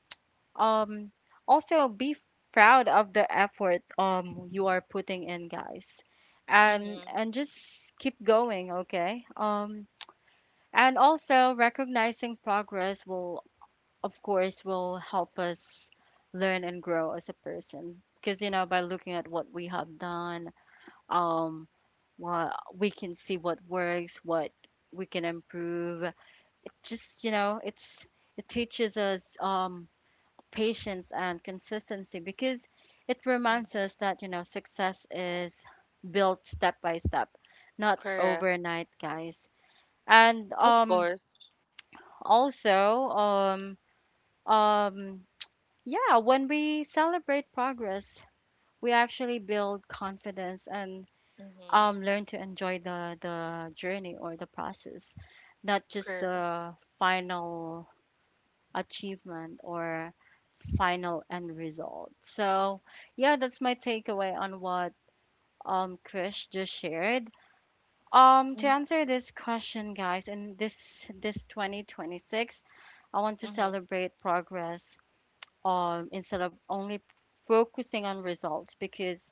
A: um, also be proud of the effort you are putting in, guys,
B: Mm-hmm.
A: and just keep going, okay? And also recognizing progress will of course will help us learn and grow as a person, because you know by looking at what we have done, um well, we can see what works, what we can improve it. Just you know it's it teaches us patience and consistency because it reminds
B: Mm-hmm.
A: us that you know success is built step by step, not
B: Correct.
A: overnight, guys. And
B: Of course.
A: also, um, yeah, when we celebrate progress, we actually build confidence and
B: Mm-hmm.
A: learn to enjoy the journey or the process, not just
B: Correct.
A: the final achievement or final end result. So, yeah, that's my takeaway on what Krish just shared. To
B: Mm-hmm.
A: answer this question, guys, in this 2026, I want to
B: Mm-hmm.
A: celebrate progress instead of only focusing on results, because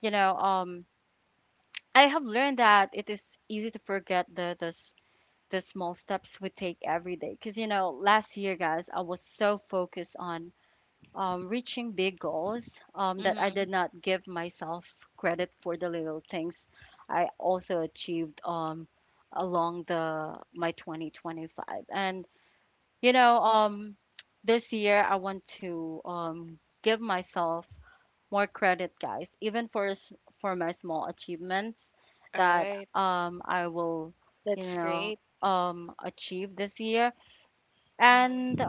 A: you know I have learned that it is easy to forget the small steps we take every day, because you know last year, guys, I was so focused on reaching big goals, that I
B: Mm-hmm.
A: did not give myself credit for the little things I also achieved, along the my 2025. And you know, this year I want to give myself more credit, guys, even for for my small achievements that
B: Right.
A: I will, you
B: That's
A: know,
B: great.
A: achieve this year. And
B: Mm-hmm.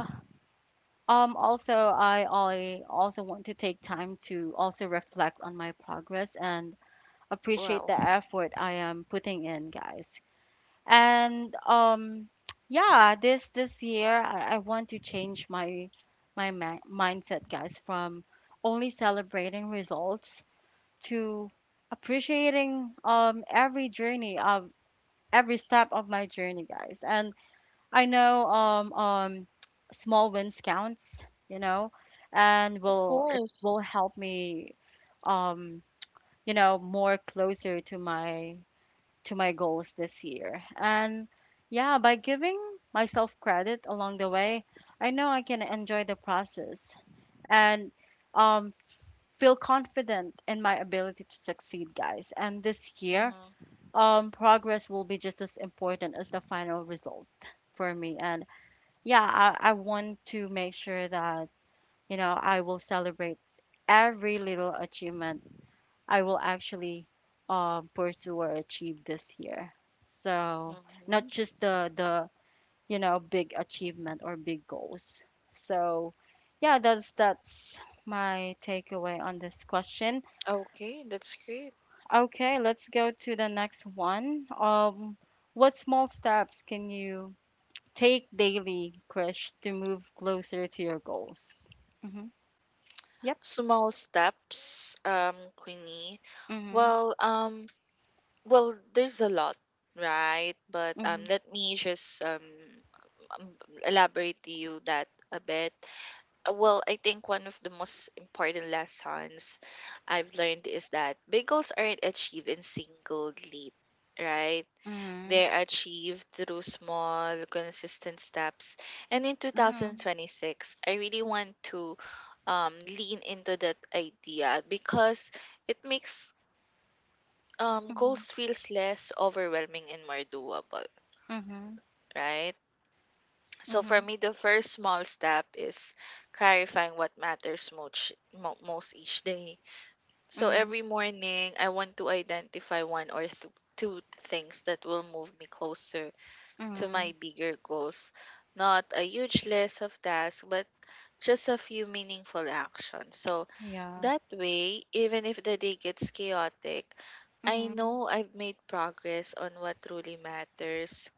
A: also I also want to take time to also reflect on my progress and appreciate the
B: Wow. Of
A: effort I am putting in, guys. And yeah, this year I want to change my my ma- mindset, guys, from only celebrating results to appreciating every journey of every step of my journey, guys. And I know small wins counts, you know, and will it
B: course.
A: will help me um you know more closer to my goals this year. And yeah, by giving myself credit along the way, I know I can enjoy the process and um, feel confident in my ability to succeed, guys. And this year,
B: Mm-hmm.
A: progress will be just as important as the final result for me. And yeah, I want to make sure that, you know, I will celebrate every little achievement I will actually pursue or achieve this year. So not
B: Mhm.
A: just the you know big achievement or big goals. So yeah, that's my takeaway on this question.
B: Okay, that's great.
A: Okay, let's go to the next one. What small steps can you take daily, Krish, to move closer to your goals? Yep.
B: Small steps, Queenie.
A: Mhm.
B: Well, well, there's a lot, right? But
A: Mhm.
B: let me just um, elaborate to you that a bit. Well, I think one of the most important lessons I've learned is that bagels aren't achieved in single leap, right? They're achieved through small, consistent steps. And in
A: Mhm.
B: 2026, I really want to lean into that idea because it makes
A: Mhm.
B: goals feels less overwhelming and more doable,
A: Mhm.
B: right? So for
A: Mhm.
B: me, the first small step is clarifying what matters most, most each day.
A: Mhm.
B: So
A: Mhm.
B: every morning, I want to identify one or two things that will move me closer to
A: Mhm.
B: my bigger goals. Not a huge list of tasks, but just a few meaningful actions. So
A: Yeah.
B: that way, even if the day gets chaotic, I
A: Mhm.
B: know I've made progress on what truly matters.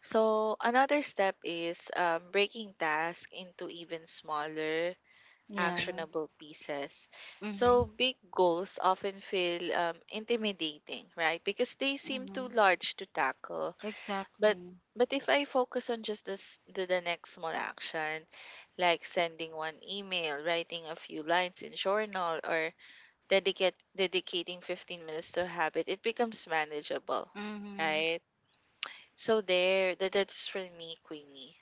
B: So another step is breaking tasks into even smaller,
A: Yeah.
B: actionable pieces.
A: Mhm.
B: So big goals often feel intimidating, right? Because they seem too
A: Mhm.
B: large to tackle. But
A: Exactly.
B: but if I focus on just this the next small action, like sending one email, writing a few lines in journal, or dedicate dedicating 15 minutes to a habit, it becomes manageable,
A: Mhm.
B: right? So there, that's for me, Queenie.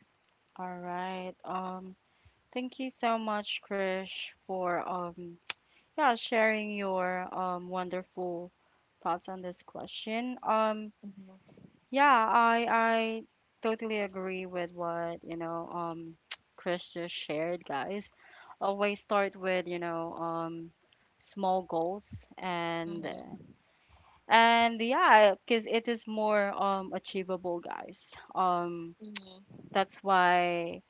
A: All right. Thank you so much, Krish, for yeah, sharing your wonderful thoughts on this question.
B: Mm-hmm.
A: Yeah, I totally agree with what, you know, Krish just shared, guys. Always start with, you know, small goals. and
B: Mm-hmm.
A: And yeah, because it is more achievable, guys.
B: Mm-hmm.
A: That's why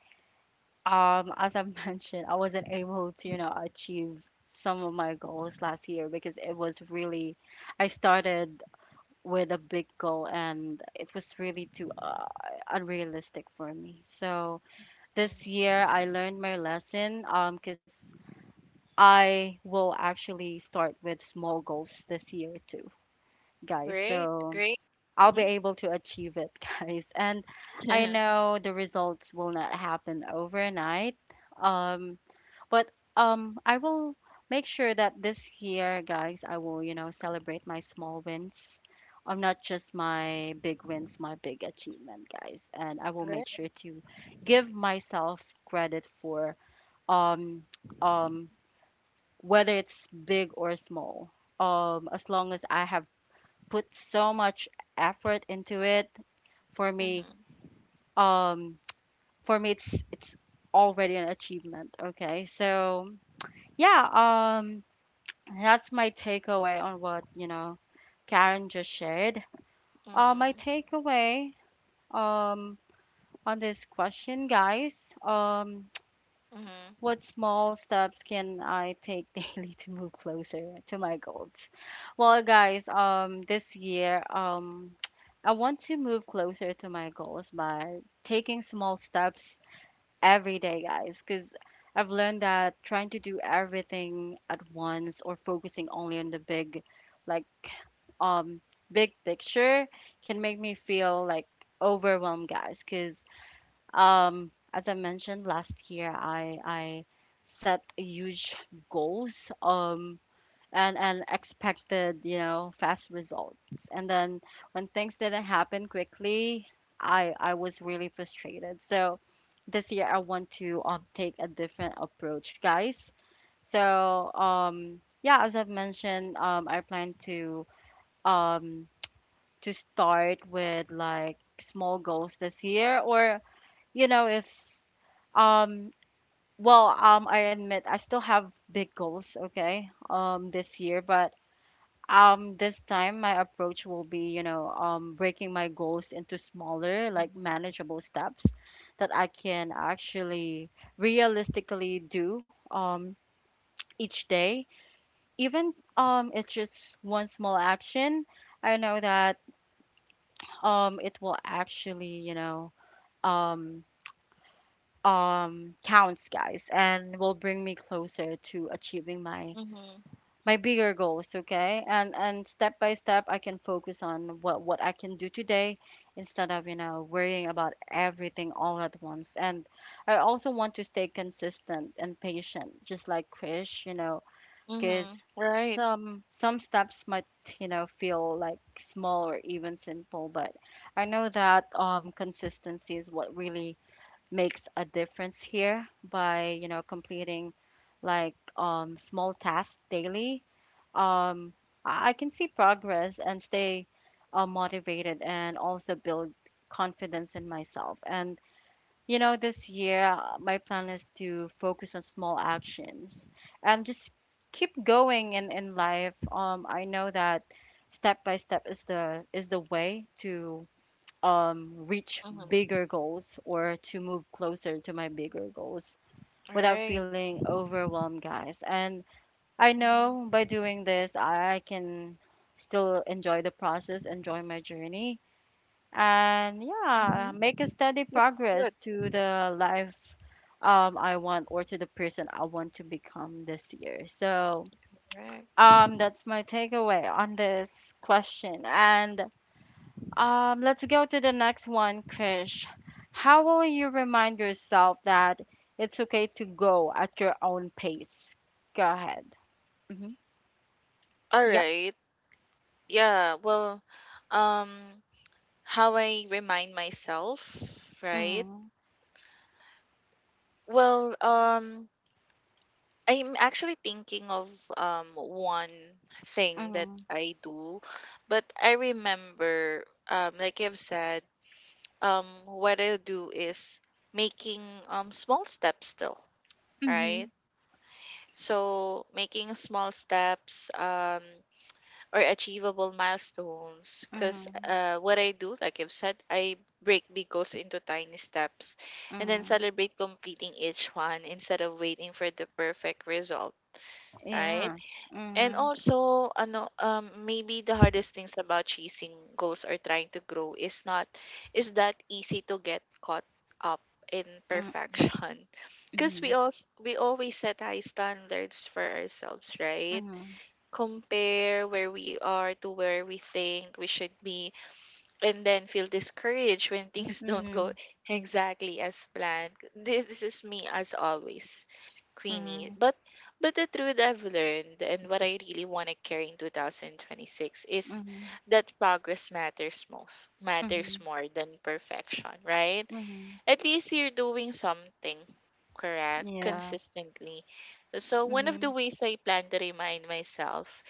A: as I mentioned, I wasn't able to, you know, achieve some of my goals last year, because it was really I started with a big goal and it was really too unrealistic for me. So this
B: Mm-hmm.
A: year I learned my lesson, because I will actually start with small goals this year too, guys.
B: Great,
A: So
B: great.
A: I'll be able to achieve it, guys. And
B: Hmm.
A: I know the results will not happen overnight. Um, but I will make sure that this year, guys, I will, you know, celebrate my small wins. Not just my big wins, my big achievement, guys. And I will make sure to give myself credit for um, um, whether it's big or small. As long as I have put so much effort into it for me,
B: Mm-hmm.
A: um, for me, it's already an achievement. Okay, so yeah, that's my takeaway on what you know, Karen just shared. My
B: Right.
A: takeaway, um, on this question, guys,
B: Mm-hmm.
A: what
B: Mm-hmm.
A: small steps can I take daily to move closer to my goals? Well, guys, this year, I want to move closer to my goals by taking small steps every day, guys, because I've learned that trying to do everything at once or focusing only on the big, like, um, big picture can make me feel like overwhelmed, guys. Because, as I mentioned last year, I set huge goals. And expected you know fast results, and then when things didn't happen quickly, I was really frustrated. So this year I want to take a different approach, guys. So yeah, as I've mentioned, I plan um to start with like small goals this year. Or you know if um I admit I still have big goals, okay, this year, but this time my approach will be, you know, breaking my goals into smaller, like
B: Mm-hmm.
A: manageable steps that I can actually realistically do each day. Even it's just one small action. I know that it will actually, you know, um counts, guys, and will bring me closer to achieving my
B: Mm-hmm.
A: my bigger goals, okay. And step by step I can focus on what I can do today instead of you know worrying about everything all at once. And I also want to stay consistent and patient just like Krish, you know, because
B: Mm-hmm. Right.
A: some steps might you know feel like small or even simple, but I know that consistency is what really makes a difference here. By you know completing like small tasks daily, um, I can see progress and stay motivated, and also build confidence in myself. And you know this year, my plan is to focus on small actions and just keep going in life. I know that step by step is the way to reach
B: Mm-hmm.
A: bigger goals or to move closer to my bigger goals without
B: Right.
A: feeling overwhelmed, guys. And I know by
B: Mm-hmm.
A: doing this, I can still enjoy the process, enjoy my journey, and yeah, make a steady
B: That's good,
A: progress to the life I want, or to the person I want to become this year. So
B: correct.
A: that's my takeaway on this question. And let's go to the next one, Krish. How will you remind yourself that it's okay to go at your own pace? Go ahead. Mm-hmm.
B: All
A: Yep.
B: right. Yeah, well, um, how I remind myself, right?
A: Mm-hmm.
B: Well, I'm actually thinking of one thing that
A: Mm-hmm.
B: I do, but I remember like I've said, what I do is making small steps still, right? So making small steps, or achievable milestones because
A: Mm-hmm.
B: what I do, like I've said, I break big goals into tiny steps and
A: Mm-hmm. Mm-hmm.
B: then
A: Yeah.
B: celebrate completing each one instead of waiting for the perfect result, right? And also, maybe the hardest things about chasing goals or trying to grow is not is that easy to get caught up in
A: Mm-hmm.
B: perfection because we always set high standards for ourselves, right?
A: Mm-hmm. Mm-hmm.
B: Compare where we are to where we think we should be and then feel discouraged when things don't go
A: Mm-hmm.
B: exactly as planned. This is me as always,
A: Mm-hmm.
B: Queenie. But the truth I've learned and what I really want to carry in 2026 is
A: Mm-hmm.
B: that progress matters most, matters
A: Mm-hmm.
B: more than perfection, right?
A: Mm-hmm.
B: At least you're doing something correct
A: Yeah.
B: consistently. So one
A: Mm-hmm.
B: of the ways I plan to remind myself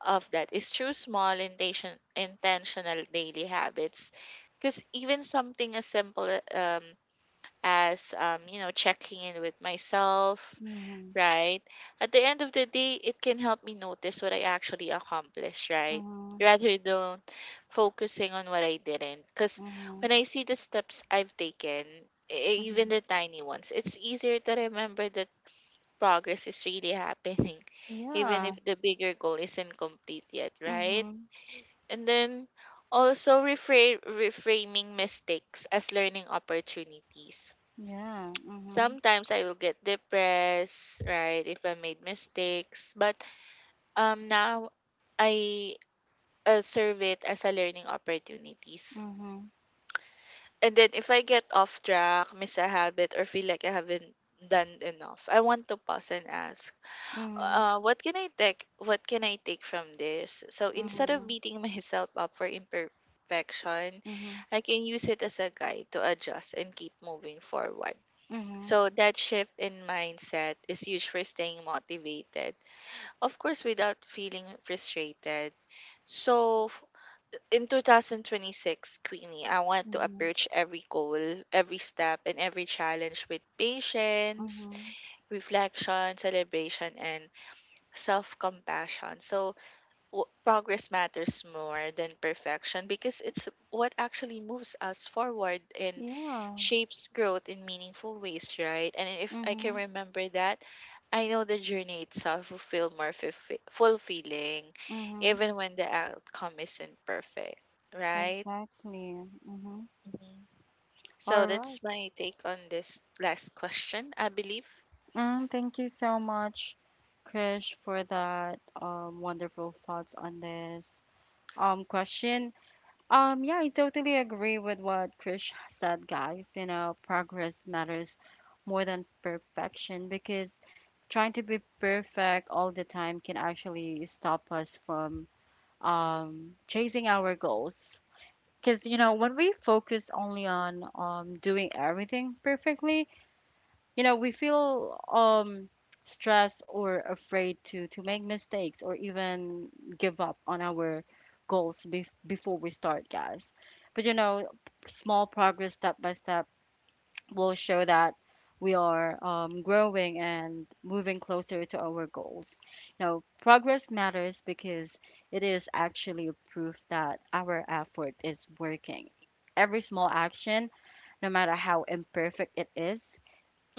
B: of that is through small intentional daily habits. Because even something as simple um, as, you know, checking in with myself,
A: Mm-hmm.
B: right? At the end of the day, it can help me notice what I actually accomplished, right?
A: Mm-hmm.
B: Rather than focusing on what I didn't. Because
A: Mm-hmm.
B: when I see the steps I've taken, even
A: Mm-hmm.
B: the tiny ones, it's easier to remember the progress is really happening, even
A: Yeah.
B: if the bigger goal isn't complete yet, right?
A: Mm-hmm.
B: And then also reframing mistakes as learning opportunities.
A: Yeah. Mm-hmm.
B: Sometimes I will get depressed, right, if I made mistakes, but now I serve it as a learning opportunities.
A: Mm-hmm.
B: And then if I get off track, miss a habit, or feel like I haven't done enough, I want to pause and ask,
A: Mhm,
B: what can I take? What can I take from this? So instead of
A: mhm,
B: beating myself up for imperfection,
A: mhm,
B: I can use it as a guide to adjust and keep moving forward.
A: mhm,
B: So that shift in mindset is huge for staying motivated. Of course, without feeling frustrated. So in 2026, Queenie, I want to
A: mhm,
B: approach every goal, every step, and every challenge with patience,
A: mhm.
B: reflection, celebration, and self compassion. So, progress matters more than perfection because it's what actually moves us forward and
A: Yeah.
B: shapes growth in meaningful ways, right? And if I can
A: Mhm,
B: remember that, I know the journey itself will feel more fulfilling,
A: mhm.
B: even when the outcome isn't perfect, right?
A: Exactly. Mhm.
B: Mhm. So,
A: All right.
B: that's my take on this last question, I believe.
A: Mm, thank you so much, Krish, for that wonderful thoughts on this question. Yeah, I totally agree with what Krish said, guys. You know, progress matters more than perfection because trying to be perfect all the time can actually stop us from chasing our goals. Because, you know, when we focus only on doing everything perfectly, you know, we feel stressed or afraid to make mistakes or even give up on our goals before we start, guys. But, you know, small progress step by step will show that we are growing and moving closer to our goals. Now, progress matters because it is actually a proof that our effort is working. Every small action, no matter how imperfect it is,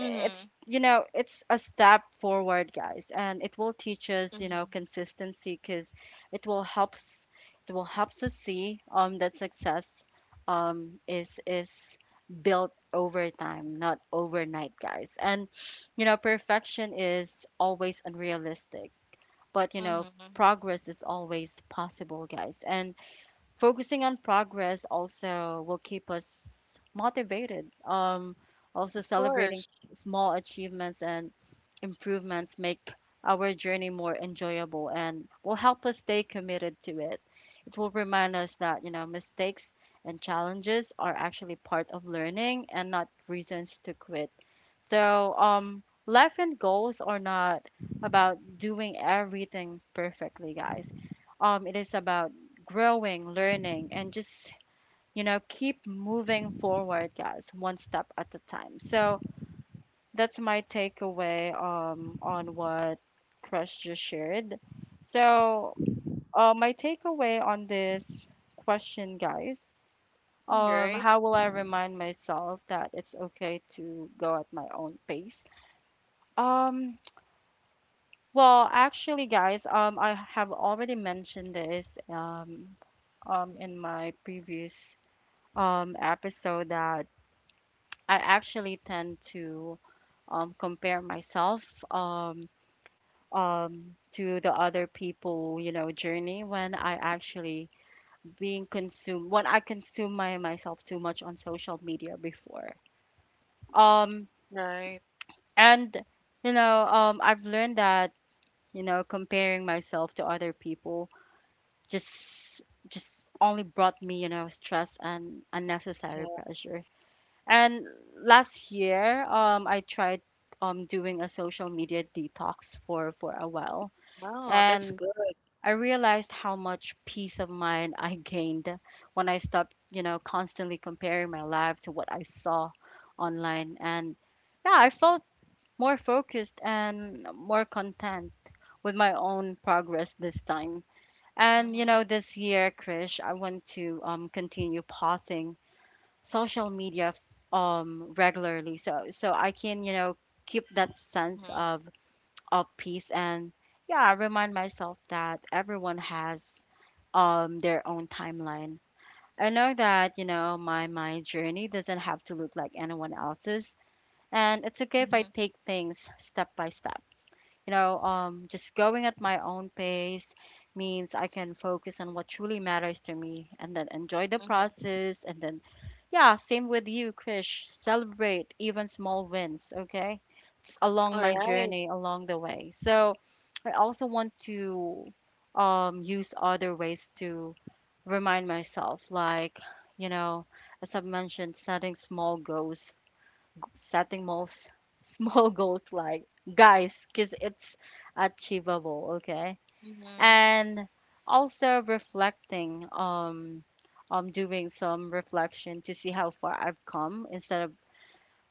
A: it's you know it's a step forward, guys, and it will teach us, you
B: Mm-hmm.
A: know, consistency because it will helps it will helps us see that success is built over time, not overnight, guys. And you know, perfection is always unrealistic, but you know,
B: Mm-hmm.
A: progress is always possible, guys, and focusing on progress also will keep us motivated. Also,
B: Of
A: celebrating
B: course.
A: small achievements and improvements make our journey more enjoyable and will help us stay committed to it. It will remind us that, you know, mistakes and challenges are actually part of learning and not reasons to quit. So, life and goals are not about doing everything perfectly, guys. It is about growing, learning, and just, you know, keep moving forward, guys, one step at a time. So that's my takeaway on what Crush just shared. So,
B: Mm-hmm.
A: my takeaway on this question, guys,
B: Right?
A: how will I remind myself that it's okay to go at my own pace? Um, well, actually, guys, I have already mentioned this in my previous episode that I actually tend to compare myself um, to the other people, you know, journey when I actually being consumed, when I consume my myself too much on social media before. Um,
B: Right.
A: and, you know, I've learned that, you know, comparing myself to other people just just only brought me, you know, stress and
B: Yeah.
A: unnecessary pressure.
B: Mhm.
A: And last year, I tried doing a social media detox for a while.
B: Wow, that's
A: And
B: good.
A: I realized how much peace of mind I gained when I stopped, you know, constantly comparing my life to what I saw online. And yeah, I felt more focused and more content with my own progress this time. And you
B: Mhm,
A: know, this year, Krish, I want to continue pausing social media regularly so I can, you know, keep that sense
B: mhm,
A: of peace. And yeah, I remind myself that everyone has their own timeline. I know that, you know, my journey doesn't have to look like anyone else's, and it's okay if I
B: mhm,
A: take things step by step. You know, just going at my own pace means I can focus on what truly matters to me and then enjoy the
B: mhm.
A: process. And then, yeah, same with you, Krish. Celebrate even small wins, okay? It's
B: All
A: along my
B: right.
A: journey, along the way. So I also want to use other ways to remind myself, like, you know, as I've mentioned, setting most small goals, like, guys, because it's achievable, okay?
B: Mhm,
A: And also reflecting doing some reflection to see how far I've come instead of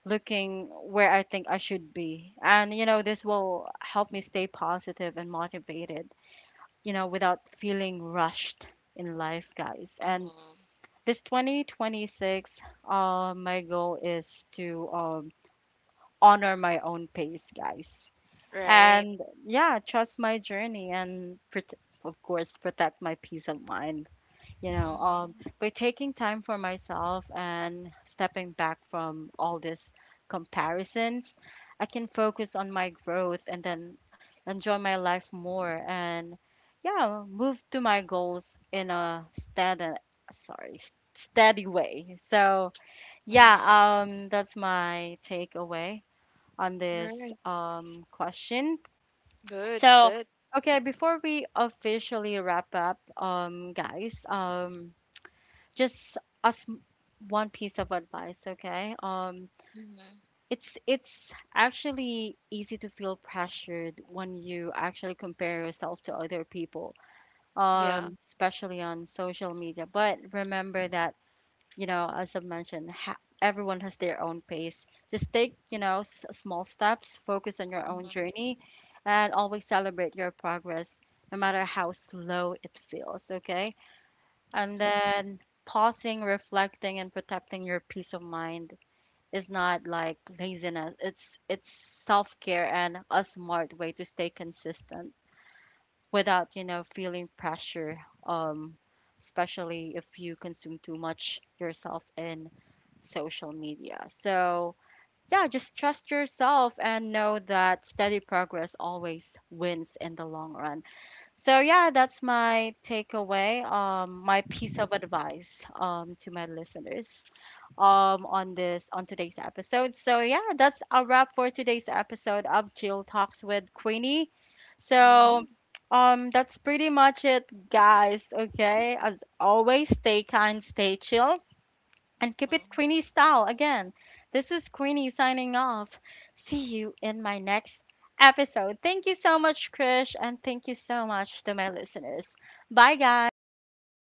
A: looking where I think I should be. And you know, this will help me stay positive and motivated, you know, without feeling rushed in life, guys. And
B: mhm.
A: this 2026, my goal is to honor my own pace, guys.
B: Right.
A: And yeah, trust my journey and of course protect my peace of mind. You know,
B: Mhm,
A: by taking time for myself and stepping back from all these comparisons, I can focus on my growth and then enjoy my life more, and yeah, move to my goals in a steady, sorry, steady way. So
B: mhm.
A: yeah, that's my takeaway on
B: Right.
A: this question.
B: Good,
A: So,
B: good.
A: okay, before we officially wrap up, guys, just us one piece of advice, okay?
B: Mhm.
A: It's actually easy to feel pressured when you actually compare yourself to other people,
B: Yeah.
A: especially on social media. But remember that, you know, as I mentioned, everyone has their own pace. Just take, you know, small steps, focus on your own
B: Mhm,
A: journey, and always celebrate your progress, no matter how slow it feels, okay? And
B: mhm,
A: then pausing, reflecting, and protecting your peace of mind is not like laziness. It's self-care and a smart way to stay consistent without, you know, feeling pressure, um especially if you consume too much yourself in social media. So yeah, just trust yourself and know that steady progress always wins in the long run. So yeah, that's my takeaway, my piece of advice, to my listeners, on today's episode. So yeah, that's a wrap for today's episode of Jill Talks with Queenie. So,
B: mhm,
A: that's pretty much it, guys. Okay, as always, stay kind, stay chill, and keep it
B: mhm.
A: Queenie style again. This is Queenie signing off. See you in my next episode. Thank you so much, Krish, and thank you so much to my listeners. Bye, guys.